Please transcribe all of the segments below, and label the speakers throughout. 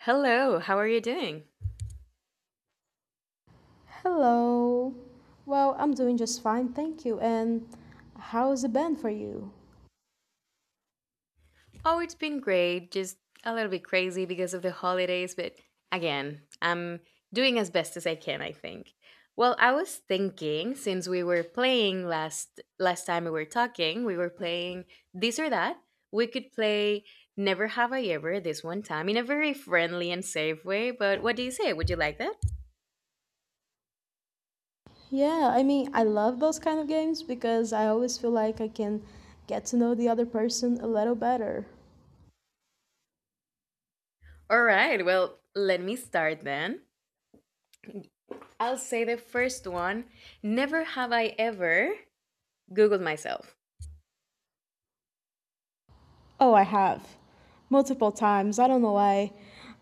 Speaker 1: Hello, how are you doing?
Speaker 2: Hello. Well, I'm doing just fine, thank you. And how's it been for you?
Speaker 1: Oh, it's been great, just a little bit crazy because of the holidays, but again, I'm doing as best as I can, I think. Well, I was thinking since we were playing last time we were talking, we were playing this or that, we could play Never Have I Ever this one time in a very friendly and safe way, but what do you say? Would you like that?
Speaker 2: Yeah, I mean, I love those kind of games because I always feel like I can get to know the other person a little better.
Speaker 1: All right, well, let me start then. I'll say the first one. Never have I ever Googled myself.
Speaker 2: Oh, I have. Multiple times. I don't know why.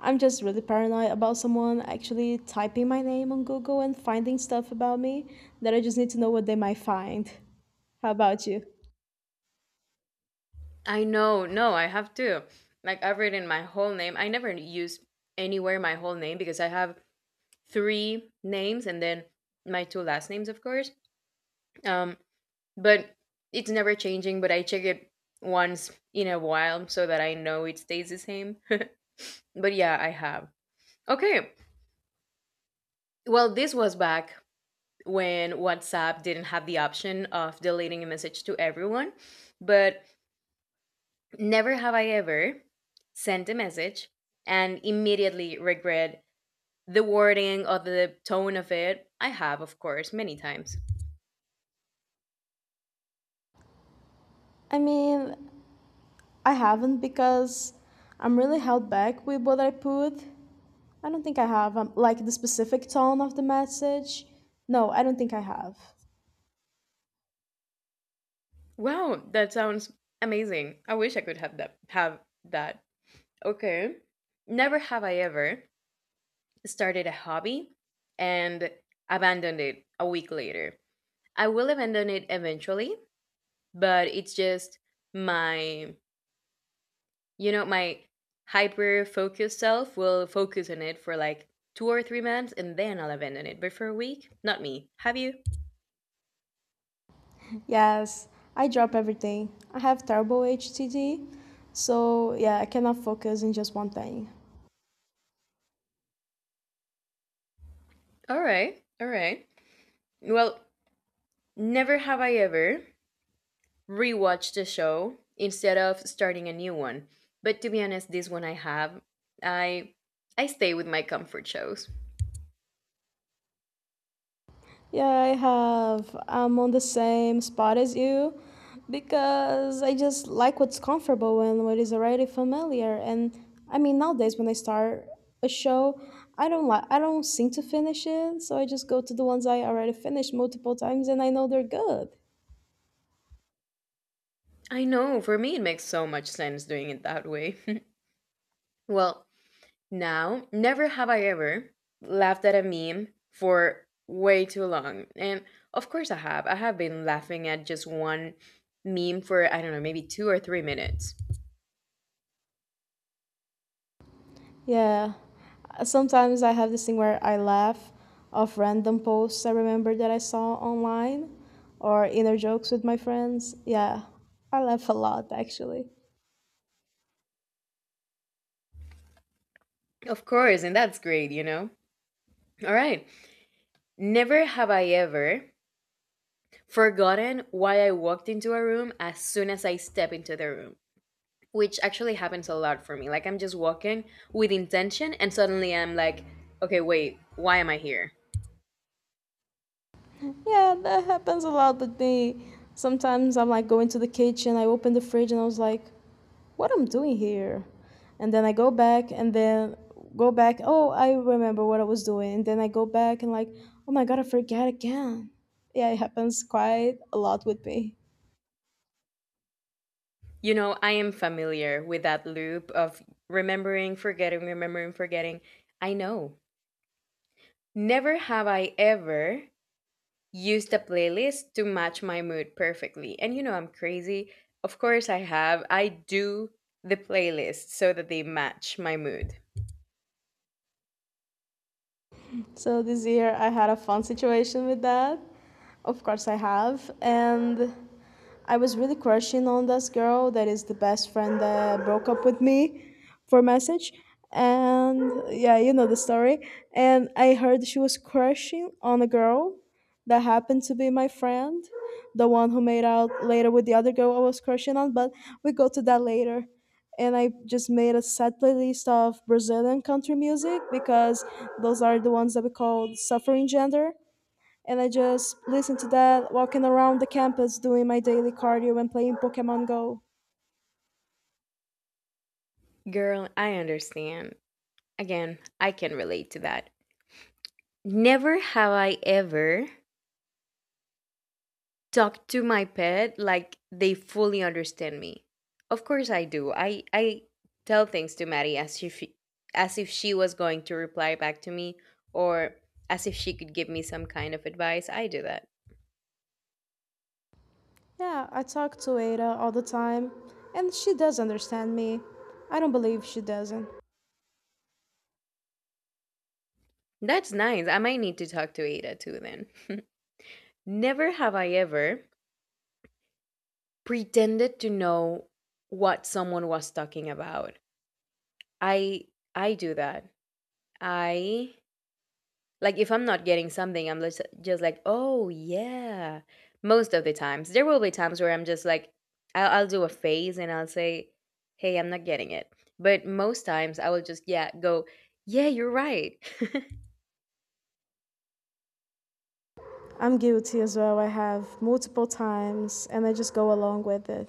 Speaker 2: I'm just really paranoid about someone actually typing my name on Google and finding stuff about me that I just need to know what they might find. How about you?
Speaker 1: I know. No, I have to. Like I've written my whole name. I never use anywhere my whole name because I have three names and then my two last names, of course. Um, but it's never changing. But I check it once in a while so that I know it stays the same. But yeah, I have. Okay. Well, this was back when WhatsApp didn't have the option of deleting a message to everyone, but never have I ever sent a message and immediately regret the wording or the tone of it. I have, of course, many times.
Speaker 2: I mean, I haven't because I'm really held back with what I put. I don't think I have, like the specific tone of the message. No, I don't think I have.
Speaker 1: Wow, that sounds amazing. I wish I could have that. Okay. Never have I ever started a hobby and abandoned it a week later. I will abandon it eventually, but it's just my my hyper focused self will focus on it for like 2 or 3 months and then I'll abandon it. But for a week, not me. Have you?
Speaker 2: Yes, I drop everything. I have terrible HTD, so yeah, I cannot focus in just one thing.
Speaker 1: All right. All right. Well, never have I ever rewatched a show instead of starting a new one. But to be honest, this one I have. I I stay with my comfort shows.
Speaker 2: Yeah, I have. I'm on the same spot as you because I just like what's comfortable and what is already familiar. And I mean, nowadays when I start a show, I don't seem to finish it, so I just go to the ones I already finished multiple times and I know they're good.
Speaker 1: I know, for me it makes so much sense doing it that way. Well, now, never have I ever laughed at a meme for way too long. And of course, I have. I have been laughing at just one meme for, I don't know, maybe 2 or 3 minutes.
Speaker 2: Yeah. Sometimes I have this thing where I laugh off random posts I remember that I saw online or inner jokes with my friends. Yeah. I laugh a lot actually.
Speaker 1: Of course, and that's great, you know? All right. Never have I ever forgotten why I walked into a room as soon as I step into the room, which actually happens a lot for me. Like, I'm just walking with intention, and suddenly I'm like, okay, wait, why am I here?
Speaker 2: Yeah, that happens a lot with me. Sometimes I'm like going to the kitchen, I open the fridge and I was like, what I'm doing here? And then I go back and then go back, oh, I remember what I was doing. And then I go back and like, oh my god, I forget again. Yeah, it happens quite a lot with me.
Speaker 1: You know, I am familiar with that loop of remembering, forgetting, remembering, forgetting. I know. Never have I ever used a playlist to match my mood perfectly. And you know, I'm crazy. Of course, I have. I do the playlist so that they match my mood.
Speaker 2: So this year I had a fun situation with that. Of course I have. And I was really crushing on this girl that is the best friend that broke up with me for message. And yeah, you know the story. And I heard she was crushing on a girl that happened to be my friend, the one who made out later with the other girl I was crushing on, but we go to that later. And I just made a set playlist of Brazilian country music because those are the ones that we call suffering gender, and I just listen to that walking around the campus doing my daily cardio and playing Pokemon Go.
Speaker 1: Girl, I understand. Again, I can relate to that. Never have I ever talk to my pet like they fully understand me. Of course I do. I tell things to Maddie as if she was going to reply back to me or as if she could give me some kind of advice. I do that.
Speaker 2: Yeah, I talk to Ada all the time and she does understand me. I don't believe she doesn't.
Speaker 1: That's nice. I might need to talk to Ada too then. Never have I ever pretended to know what someone was talking about. I I do that. I Like if I'm not getting something, I'm just like, oh yeah. Most of the times, there will be times where I'm just like, I'll do a phase and I'll say, hey, I'm not getting it. But most times, I will just yeah go, yeah, you're right.
Speaker 2: I'm guilty as well. I have multiple times and I just go along with it.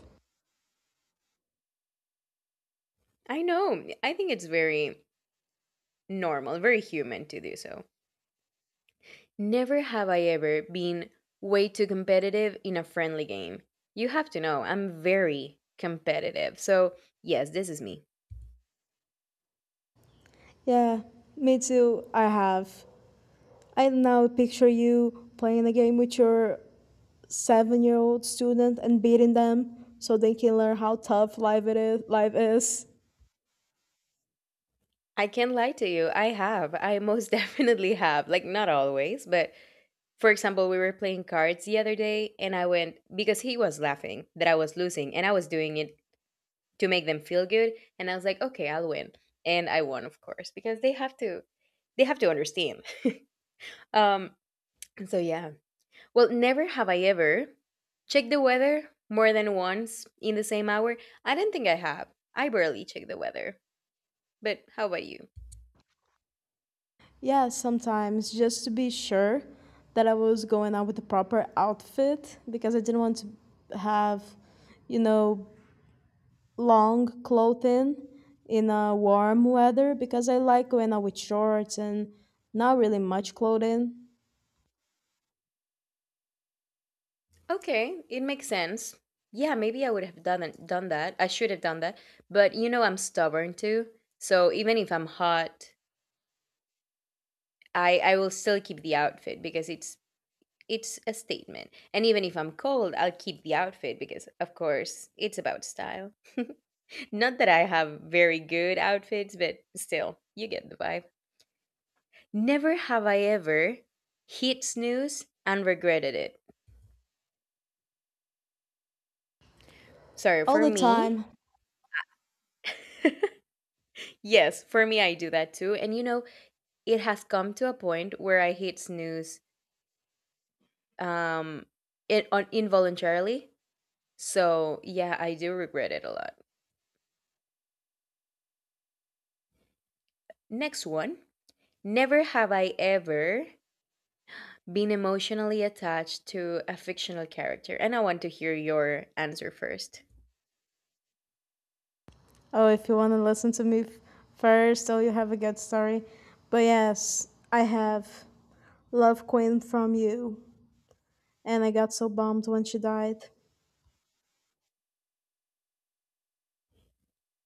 Speaker 1: I know. I think it's very normal, very human to do so. Never have I ever been way too competitive in a friendly game. You have to know, I'm very competitive. So yes, this is me.
Speaker 2: Yeah, me too. I have. I now picture you playing a game with your 7 year old student and beating them so they can learn how tough life is.
Speaker 1: I can't lie to you. I have. I most definitely have. Like, not always, but for example, we were playing cards the other day, and I went because he was laughing that I was losing, and I was doing it to make them feel good. And I was like, okay, I'll win. And I won, of course, because they have to. They have to understand. Um, and so yeah. Well, never have I ever checked the weather more than once in the same hour. I don't think I have. I barely check the weather. But how about you?
Speaker 2: Yeah, sometimes just to be sure that I was going out with the proper outfit because I didn't want to have, you know, long clothing in a warm weather because I like going out with shorts and not really much clothing
Speaker 1: Okay, it makes sense. Yeah, maybe I would have done it, done that. I should have done that. But you know, I'm stubborn too. So even if I'm hot, I will still keep the outfit because it's a statement. And even if I'm cold, I'll keep the outfit because of course, it's about style. Not that I have very good outfits, but still, you get the vibe. Never have I ever hit snooze and regretted it. Sorry,
Speaker 2: all
Speaker 1: for
Speaker 2: the
Speaker 1: me,
Speaker 2: time.
Speaker 1: yes, for me, I do that too. And you know, it has come to a point where I hate snooze um it on involuntarily. So yeah, I do regret it a lot. Next one. Never have I ever been emotionally attached to a fictional character. And I want to hear your answer first.
Speaker 2: Oh, if you want to listen to first, oh, you have a good story. But yes, I have Love Queen from you. And I got so bummed when she died.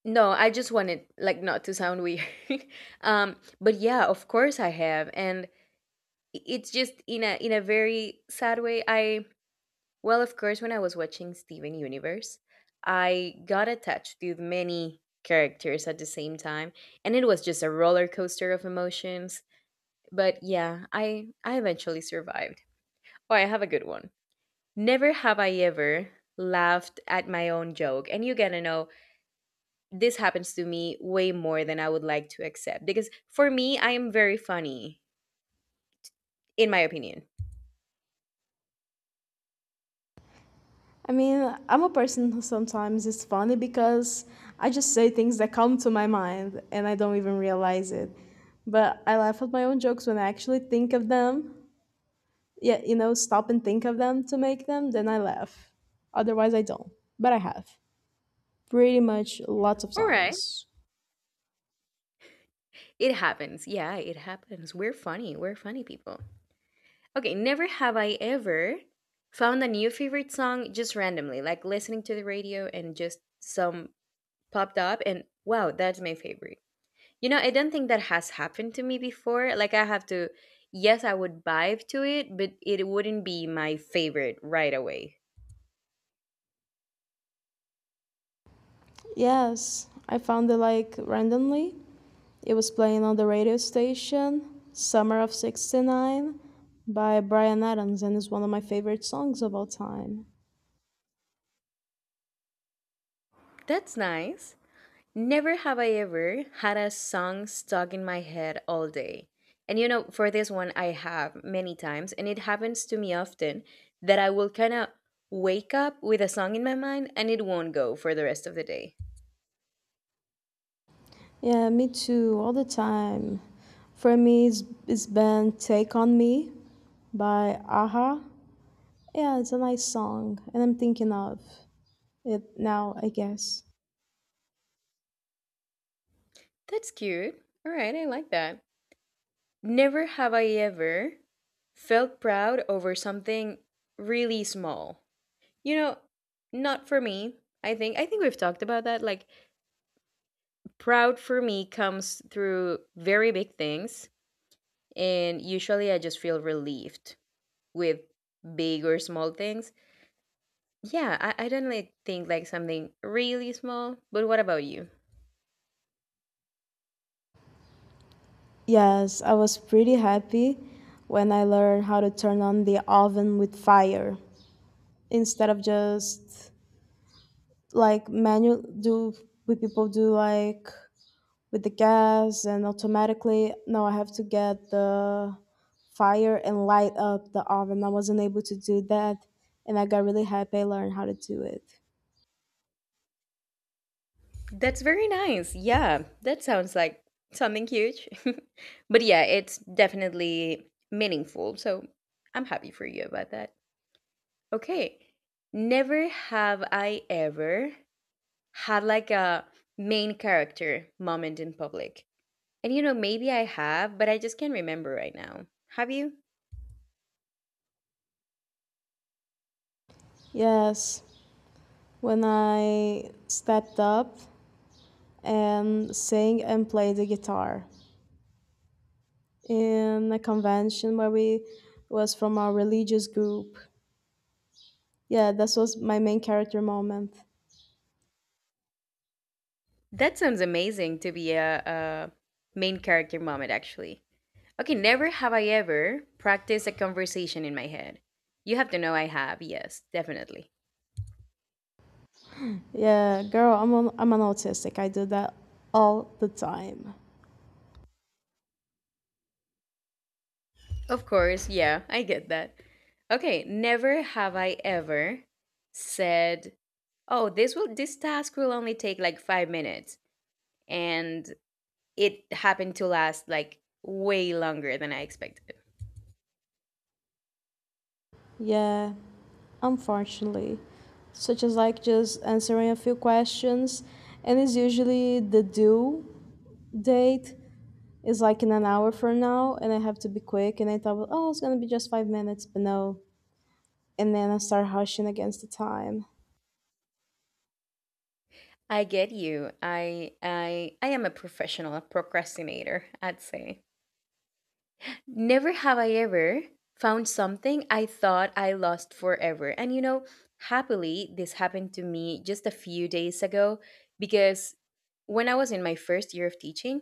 Speaker 1: No, I just wanted like not to sound weird. But yeah, of course I have. And it's just in a very sad way. I Well, of course, when I was watching Steven Universe, I got attached to many characters at the same time, and it was just a roller coaster of emotions. But yeah, I eventually survived. Oh, I have a good one. Never have I ever laughed at my own joke. And you gotta know, this happens to me way more than I would like to accept. Because for me, I am very funny, in my opinion.
Speaker 2: I mean, I'm a person who sometimes is funny because I just say things that come to my mind and I don't even realize it. But I laugh at my own jokes when I actually think of them. Yeah, you know, stop and think of them to make them, then I laugh. Otherwise, I don't. But I have. Pretty much lots of
Speaker 1: All right.
Speaker 2: times.
Speaker 1: It happens. Yeah, it happens. We're funny. We're funny people. Okay, never have I ever found a new favorite song just randomly, like listening to the radio and just some popped up and wow, that's my favorite. You know, I don't think that has happened to me before. Like I have to yes, I would vibe to it, but it wouldn't be my favorite right away.
Speaker 2: Yes, I found it like randomly. It was playing on the radio station, Summer of 69 by Brian Adams, and is one of my favorite songs of all time.
Speaker 1: That's nice. Never have I ever had a song stuck in my head all day. And you know, for this one, I have many times, and it happens to me often that I will kind of wake up with a song in my mind and it won't go for the rest of the day.
Speaker 2: Yeah, me too, all the time. For me, it's been Take On Me by Aha. Yeah, it's a nice song, and I'm thinking of it now, I guess.
Speaker 1: That's cute. All right, I like that. Never have I ever felt proud over something really small. You know, not for me. I think we've talked about that like proud for me comes through very big things and usually I just feel relieved with big or small things. Yeah, I don't like think like something really small, but what about you?
Speaker 2: Yes, I was pretty happy when I learned how to turn on the oven with fire instead of just like manual do with people do like with the gas and automatically. No, I have to get the fire and light up the oven. I wasn't able to do that and I got really happy I learned how to do it.
Speaker 1: That's very nice. Yeah, that sounds like something huge. But yeah, it's definitely meaningful. So I'm happy for you about that. Okay. Never have I ever had like a main character moment in public. And you know, maybe I have, but I just can't remember right now. Have you?
Speaker 2: Yes, when I stepped up and sang and played the guitar in a convention where we was from our religious group. Yeah, this was my main character moment.
Speaker 1: That sounds amazing to be a main character moment, actually. Okay, never have I ever practiced a conversation in my head. You have to know I have, yes, definitely.
Speaker 2: Yeah, girl, I'm an autistic, I do that all the time.
Speaker 1: Of course, yeah, I get that. Okay, never have I ever said, "Oh, this task will only take like 5 minutes." And it happened to last like way longer than I expected.
Speaker 2: Yeah, unfortunately, such as like just answering a few questions. And it's usually the due date is like in an hour from now, and I have to be quick. And I thought, well, oh, it's gonna be just 5 minutes, but no. And then I start hushing against the time.
Speaker 1: I get you. I am a professional procrastinator, I'd say. Never have I ever found something I thought I lost forever. And you know, happily, this happened to me just a few days ago because when I was in my first year of teaching,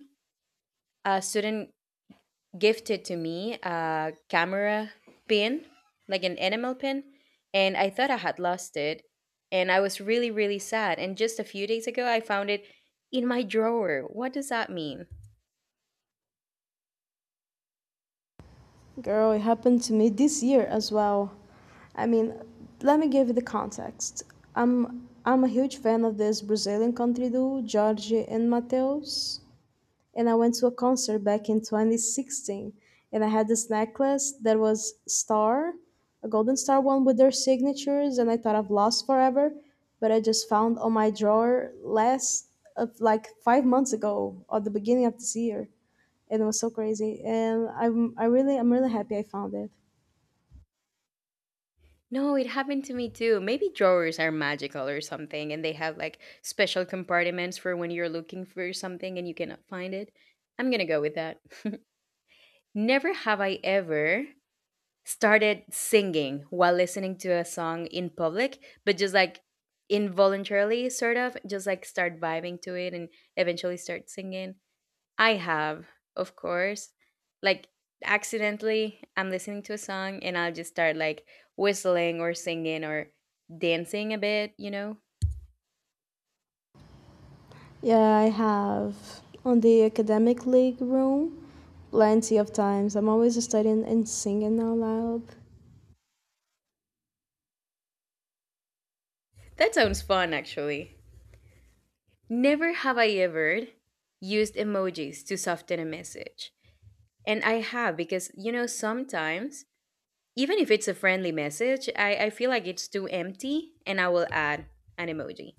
Speaker 1: a student gifted to me a camera pin, like an enamel pin, and I thought I had lost it. And I was really, really sad. And just a few days ago, I found it in my drawer. What does that mean?
Speaker 2: Girl, it happened to me this year as well. I mean, let me give you the context. I'm a huge fan of this Brazilian country duo, Jorge and Mateus, and I went to a concert back in 2016, and I had this necklace that was star, a golden star one with their signatures, and I thought I've lost forever, but I just found on my drawer last of like 5 months ago or the beginning of this year, and it was so crazy, and I'm really happy I found it.
Speaker 1: No, it happened to me too. Maybe drawers are magical or something, and they have like special compartments for when you're looking for something and you cannot find it. I'm gonna go with that. Never have I ever started singing while listening to a song in public, but just like involuntarily, sort of, just like start vibing to it and eventually start singing. I have, of course. Like accidentally I'm listening to a song and I'll just start like whistling or singing or dancing a bit, you know?
Speaker 2: Yeah, I have on the academic league room plenty of times. I'm always studying and singing out loud.
Speaker 1: That sounds fun actually. Never have I ever used emojis to soften a message. And I have because you know sometimes even if it's a friendly message, I feel like it's too empty and I will add an emoji.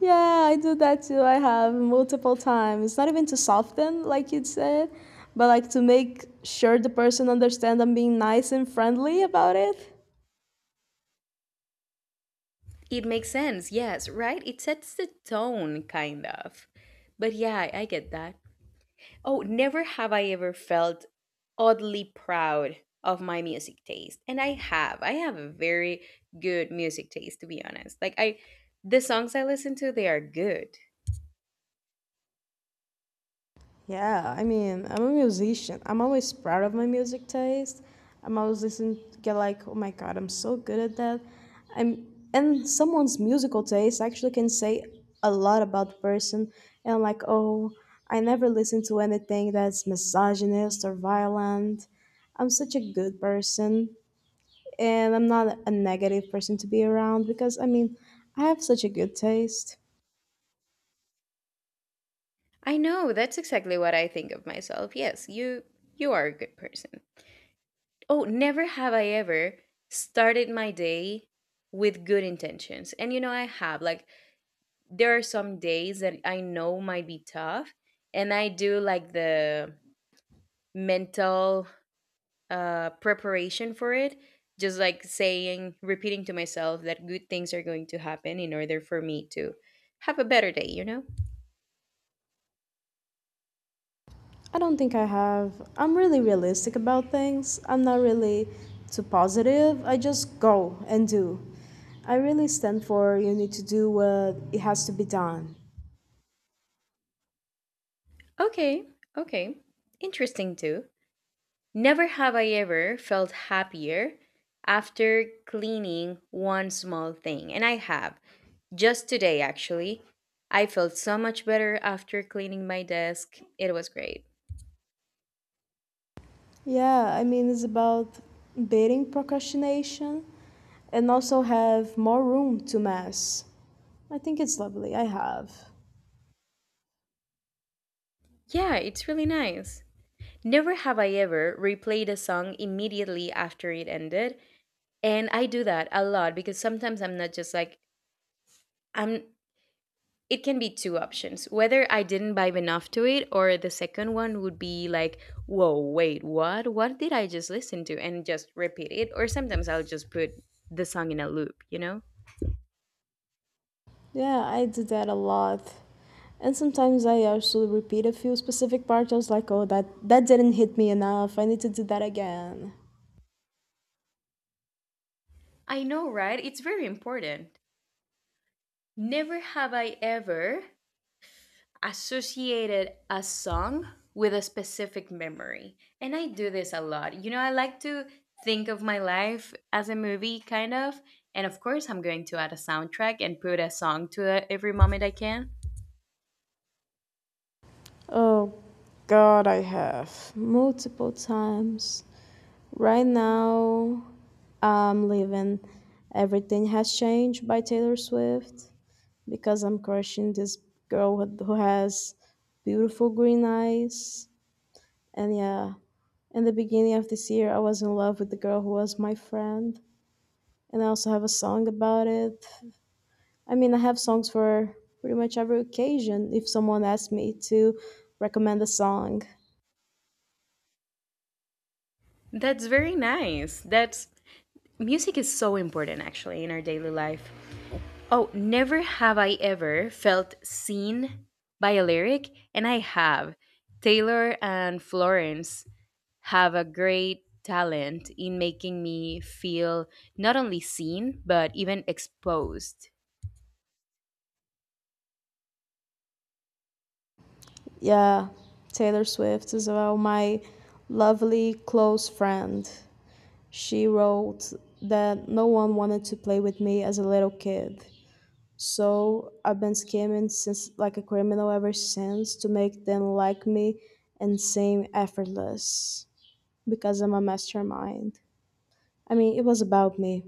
Speaker 2: Yeah, I do that too. I have multiple times. Not even to soften, like you said, but like to make sure the person understand I'm being nice and friendly about it.
Speaker 1: It makes sense, yes, right? It sets the tone, kind of. But yeah, I get that. Oh, never have I ever felt oddly proud of my music taste. And I have. I have a very good music taste, to be honest. Like, I, the songs I listen to, they are good.
Speaker 2: Yeah, I mean, I'm a musician. I'm always proud of my music taste. I'm always listening, get like, oh my god, I'm so good at that. I'm And someone's musical taste actually can say a lot about the person. And like, oh, I never listen to anything that's misogynist or violent. I'm such a good person, and I'm not a negative person to be around because I mean, I have such a good taste.
Speaker 1: I know, that's exactly what I think of myself. Yes, you are a good person. Oh, never have I ever started my day with good intentions. And you know, I have. Like, there are some days that I know might be tough, and I do like the mental preparation for it, just like saying, repeating to myself that good things are going to happen in order for me to have a better day, you know?
Speaker 2: I don't think I have. I'm really realistic about things. I'm not really too positive. I just go and do. I really stand for you need to do what it has to be done.
Speaker 1: Okay, okay. Interesting too. Never have I ever felt happier after cleaning one small thing, and I have. Just today, actually. I felt so much better after cleaning my desk. It was great.
Speaker 2: Yeah, I mean, it's about beating procrastination and also have more room to mess. I think it's lovely. I have.
Speaker 1: Yeah, it's really nice. Never have I ever replayed a song immediately after it ended. And I do that a lot because sometimes I'm not just like, I'm. It can be two options whether I didn't vibe enough to it, or the second one would be like, whoa, wait, what? What did I just listen to? And just repeat it. Or sometimes I'll just put the song in a loop, you know?
Speaker 2: Yeah, I do that a lot. And sometimes I also repeat a few specific parts. I was like, oh, that didn't hit me enough. I need to do that again.
Speaker 1: I know, right? It's very important. Never have I ever associated a song with a specific memory. And I do this a lot. You know, I like to think of my life as a movie, kind of. And of course, I'm going to add a soundtrack and put a song to it every moment I can.
Speaker 2: Oh God, I have multiple times. Right now, I'm living Everything Has Changed by Taylor Swift because I'm crushing this girl who has beautiful green eyes. And yeah, in the beginning of this year, I was in love with the girl who was my friend. And I also have a song about it. I mean, I have songs for pretty much every occasion if someone asks me to recommend a song.
Speaker 1: That's very nice. That's music is so important actually in our daily life. Oh, never have I ever felt seen by a lyric, and I have. Taylor and Florence have a great talent in making me feel not only seen, but even exposed.
Speaker 2: Yeah, Taylor Swift is well my lovely close friend. She wrote that no one wanted to play with me as a little kid. So I've been scheming since like a criminal ever since to make them like me and seem effortless because I'm a mastermind. I mean, it was about me.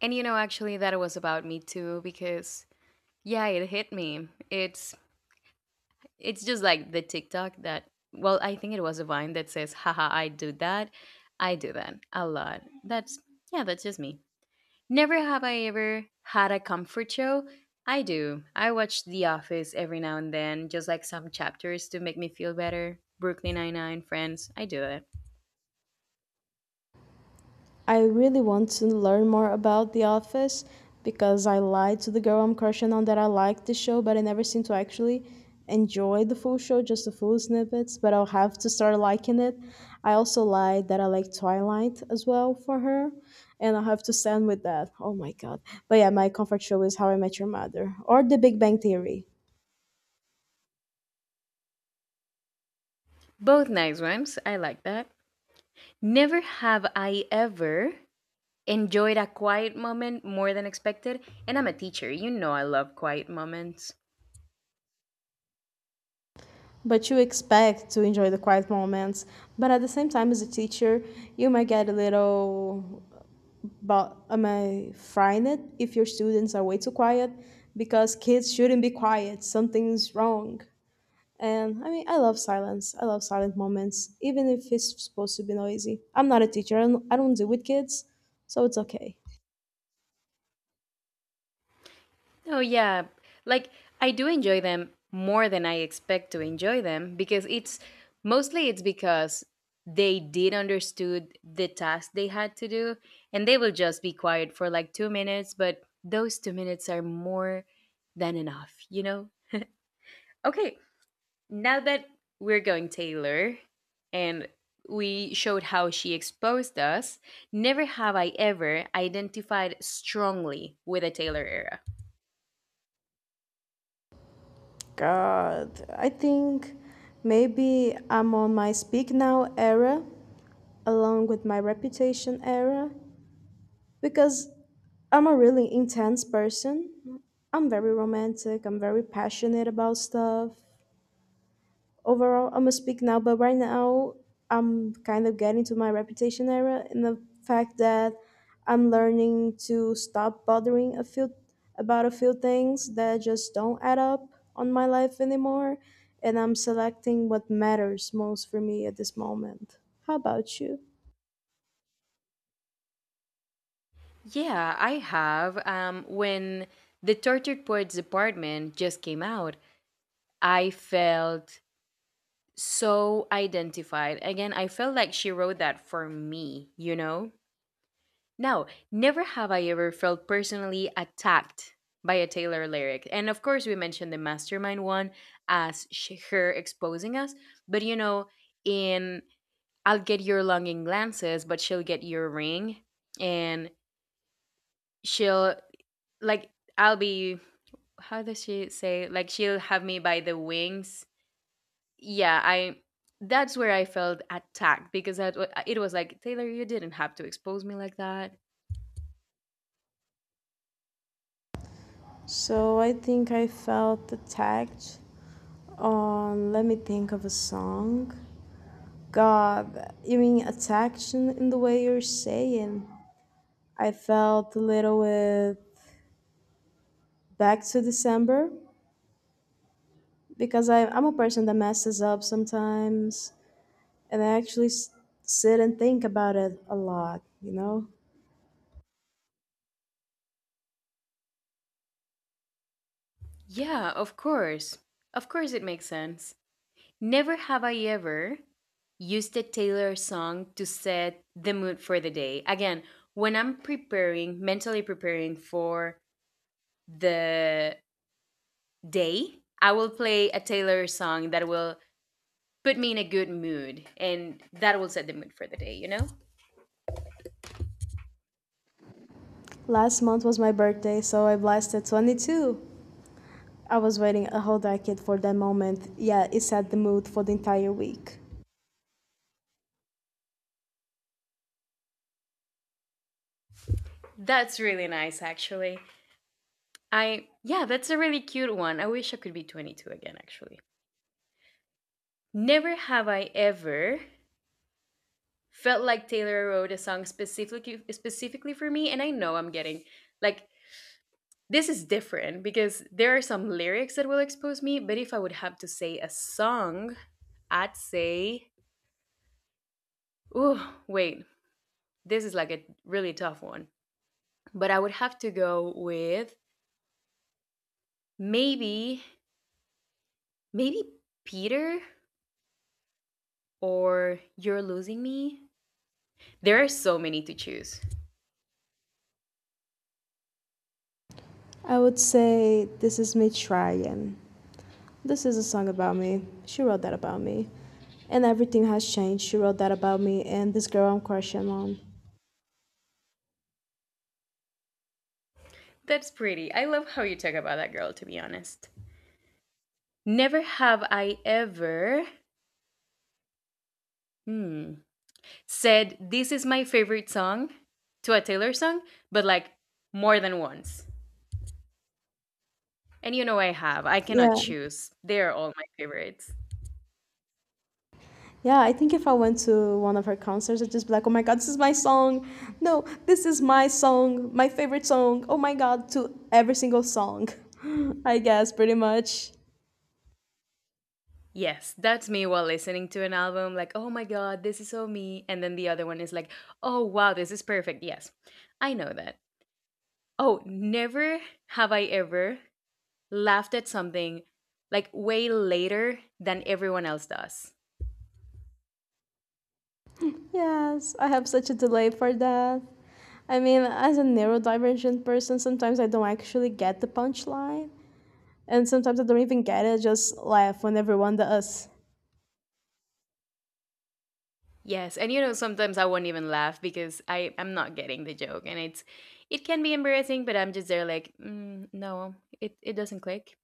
Speaker 1: And you know, actually, that was about me too, because yeah, it hit me. It's just like the TikTok that well, I think it was a Vine that says, "Haha, I do that. I do that a lot." That's yeah, that's just me. Never have I ever had a comfort show. I do. I watch The Office every now and then, just like some chapters to make me feel better. Brooklyn Nine-Nine, Friends, I do it.
Speaker 2: I really want to learn more about The Office because I lied to the girl I'm crushing on that I liked the show, but I never seem to actually enjoy the full show, just the full snippets, but I'll have to start liking it. I also lied that I like Twilight as well for her, and I'll have to stand with that. Oh my god. But yeah, my comfort show is How I Met Your Mother or The Big Bang Theory.
Speaker 1: Both nice ones. I like that. Never have I ever enjoyed a quiet moment more than expected. And I'm a teacher. You know I love quiet moments.
Speaker 2: But you expect to enjoy the quiet moments. But at the same time, as a teacher, you might get a little but am I frightened if your students are way too quiet? Because kids shouldn't be quiet. Something's wrong. And I mean, I love silence. I love silent moments, even if it's supposed to be noisy. I'm not a teacher. I don't deal with kids, so it's okay.
Speaker 1: Oh, yeah. Like, I do enjoy them more than I expect to enjoy them because it's mostly it's because they did understood the task they had to do and they will just be quiet for like 2 minutes, but those 2 minutes are more than enough, you know? Okay, now that we're going Taylor and we showed how she exposed us, never have I ever identified strongly with a Taylor era.
Speaker 2: God, I think maybe I'm on my speak now era, along with my reputation era, because I'm a really intense person. I'm very romantic. I'm very passionate about stuff. Overall, I'm gonna speak now, but right now I'm kind of getting to my reputation era in the fact that I'm learning to stop bothering a few about a few things that just don't add up on my life anymore, and I'm selecting what matters most for me at this moment. How about you?
Speaker 1: Yeah, I have. When The Tortured Poets Department just came out, I felt so identified. Again, I felt like she wrote that for me, you know? Now, never have I ever felt personally attacked by a Taylor lyric. And of course, we mentioned the Mastermind one as she, her exposing us. But, you know, in I'll get your longing glances, but she'll get your ring. And she'll, like, I'll be how does she say, like, she'll have me by the wings. Yeah, I, that's where I felt attacked because it was like, Taylor, you didn't have to expose me like that.
Speaker 2: So I think I felt attacked on, let me think of a song. God, you mean attacked in the way you're saying? I felt a little with Back to December because I'm a person that messes up sometimes and I actually sit and think about it a lot, you know?
Speaker 1: Yeah, of course. Of course it makes sense. Never have I ever used a Taylor song to set the mood for the day. Again, when I'm preparing, mentally preparing for the day, I will play a Taylor song that will put me in a good mood and that will set the mood for the day, you know?
Speaker 2: Last month was my birthday, so I blasted 22. I was waiting a whole decade for that moment. Yeah, it set the mood for the entire week.
Speaker 1: That's really nice actually. I, yeah, that's a really cute one. I wish I could be 22 again actually. Never have I ever felt like Taylor wrote a song specifically for me. And I know I'm getting like, this is different because there are some lyrics that will expose me, but if I would have to say a song, I'd say, oh wait, this is like a really tough one, but I would have to go with Maybe, maybe Peter or You're Losing Me. There are so many to choose.
Speaker 2: I would say this is Me Trying. This is a song about me. She wrote that about me. And Everything Has Changed. She wrote that about me and this girl I'm crushing on.
Speaker 1: That's pretty. I love how you talk about that girl, to be honest. Never have I ever, hmm, said, "This is my favorite song" to a Taylor song, but like more than once. And you know I have. I cannot
Speaker 2: Yeah,
Speaker 1: choose. They're all my favorites.
Speaker 2: Yeah, I think if I went to one of her concerts, I'd just be like, oh my god, this is my song. No, this is my song, my favorite song. Oh my god, to every single song. I guess, pretty much.
Speaker 1: Yes, that's me while listening to an album, like, oh my god, this is so me. And then the other one is like, oh wow, this is perfect. Yes, I know that. Oh, never have I ever laughed at something like way later than everyone else does.
Speaker 2: Yes, I have such a delay for that. I mean, as a neurodivergent person, sometimes I don't actually get the punchline. And sometimes I don't even get it, just laugh when everyone does.
Speaker 1: Yes, and you know, sometimes I won't even laugh because I'm not getting the joke. And it's, it can be embarrassing, but I'm just there like, mm, no, it doesn't click.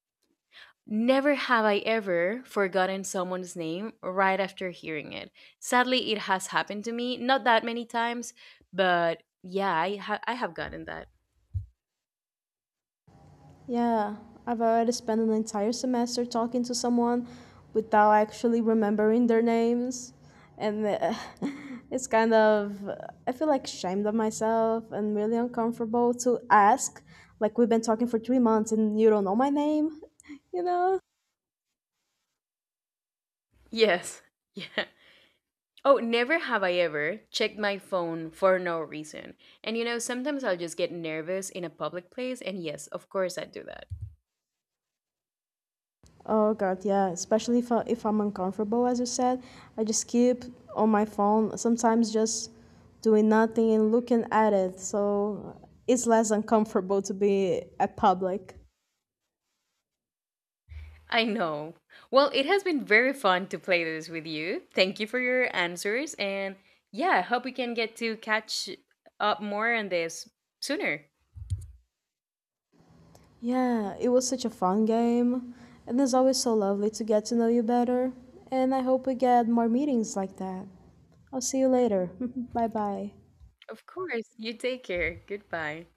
Speaker 1: Never have I ever forgotten someone's name right after hearing it. Sadly, it has happened to me, not that many times, but yeah, I have gotten that.
Speaker 2: Yeah, I've already spent an entire semester talking to someone without actually remembering their names. And it's kind of, I feel like ashamed of myself and really uncomfortable to ask. Like, we've been talking for 3 months and you don't know my name, you know?
Speaker 1: Yes, yeah. Oh, never have I ever checked my phone for no reason. And you know, sometimes I'll just get nervous in a public place, and yes, of course I do that.
Speaker 2: Oh God, yeah. Especially if I'm uncomfortable, as you said, I just keep on my phone. Sometimes just doing nothing and looking at it, so it's less uncomfortable to be at public.
Speaker 1: I know. Well, it has been very fun to play this with you. Thank you for your answers. And yeah, I hope we can get to catch up more on this sooner.
Speaker 2: Yeah, it was such a fun game, and it's always so lovely to get to know you better. And I hope we get more meetings like that. I'll see you later. Bye bye.
Speaker 1: Of course. You take care. Goodbye.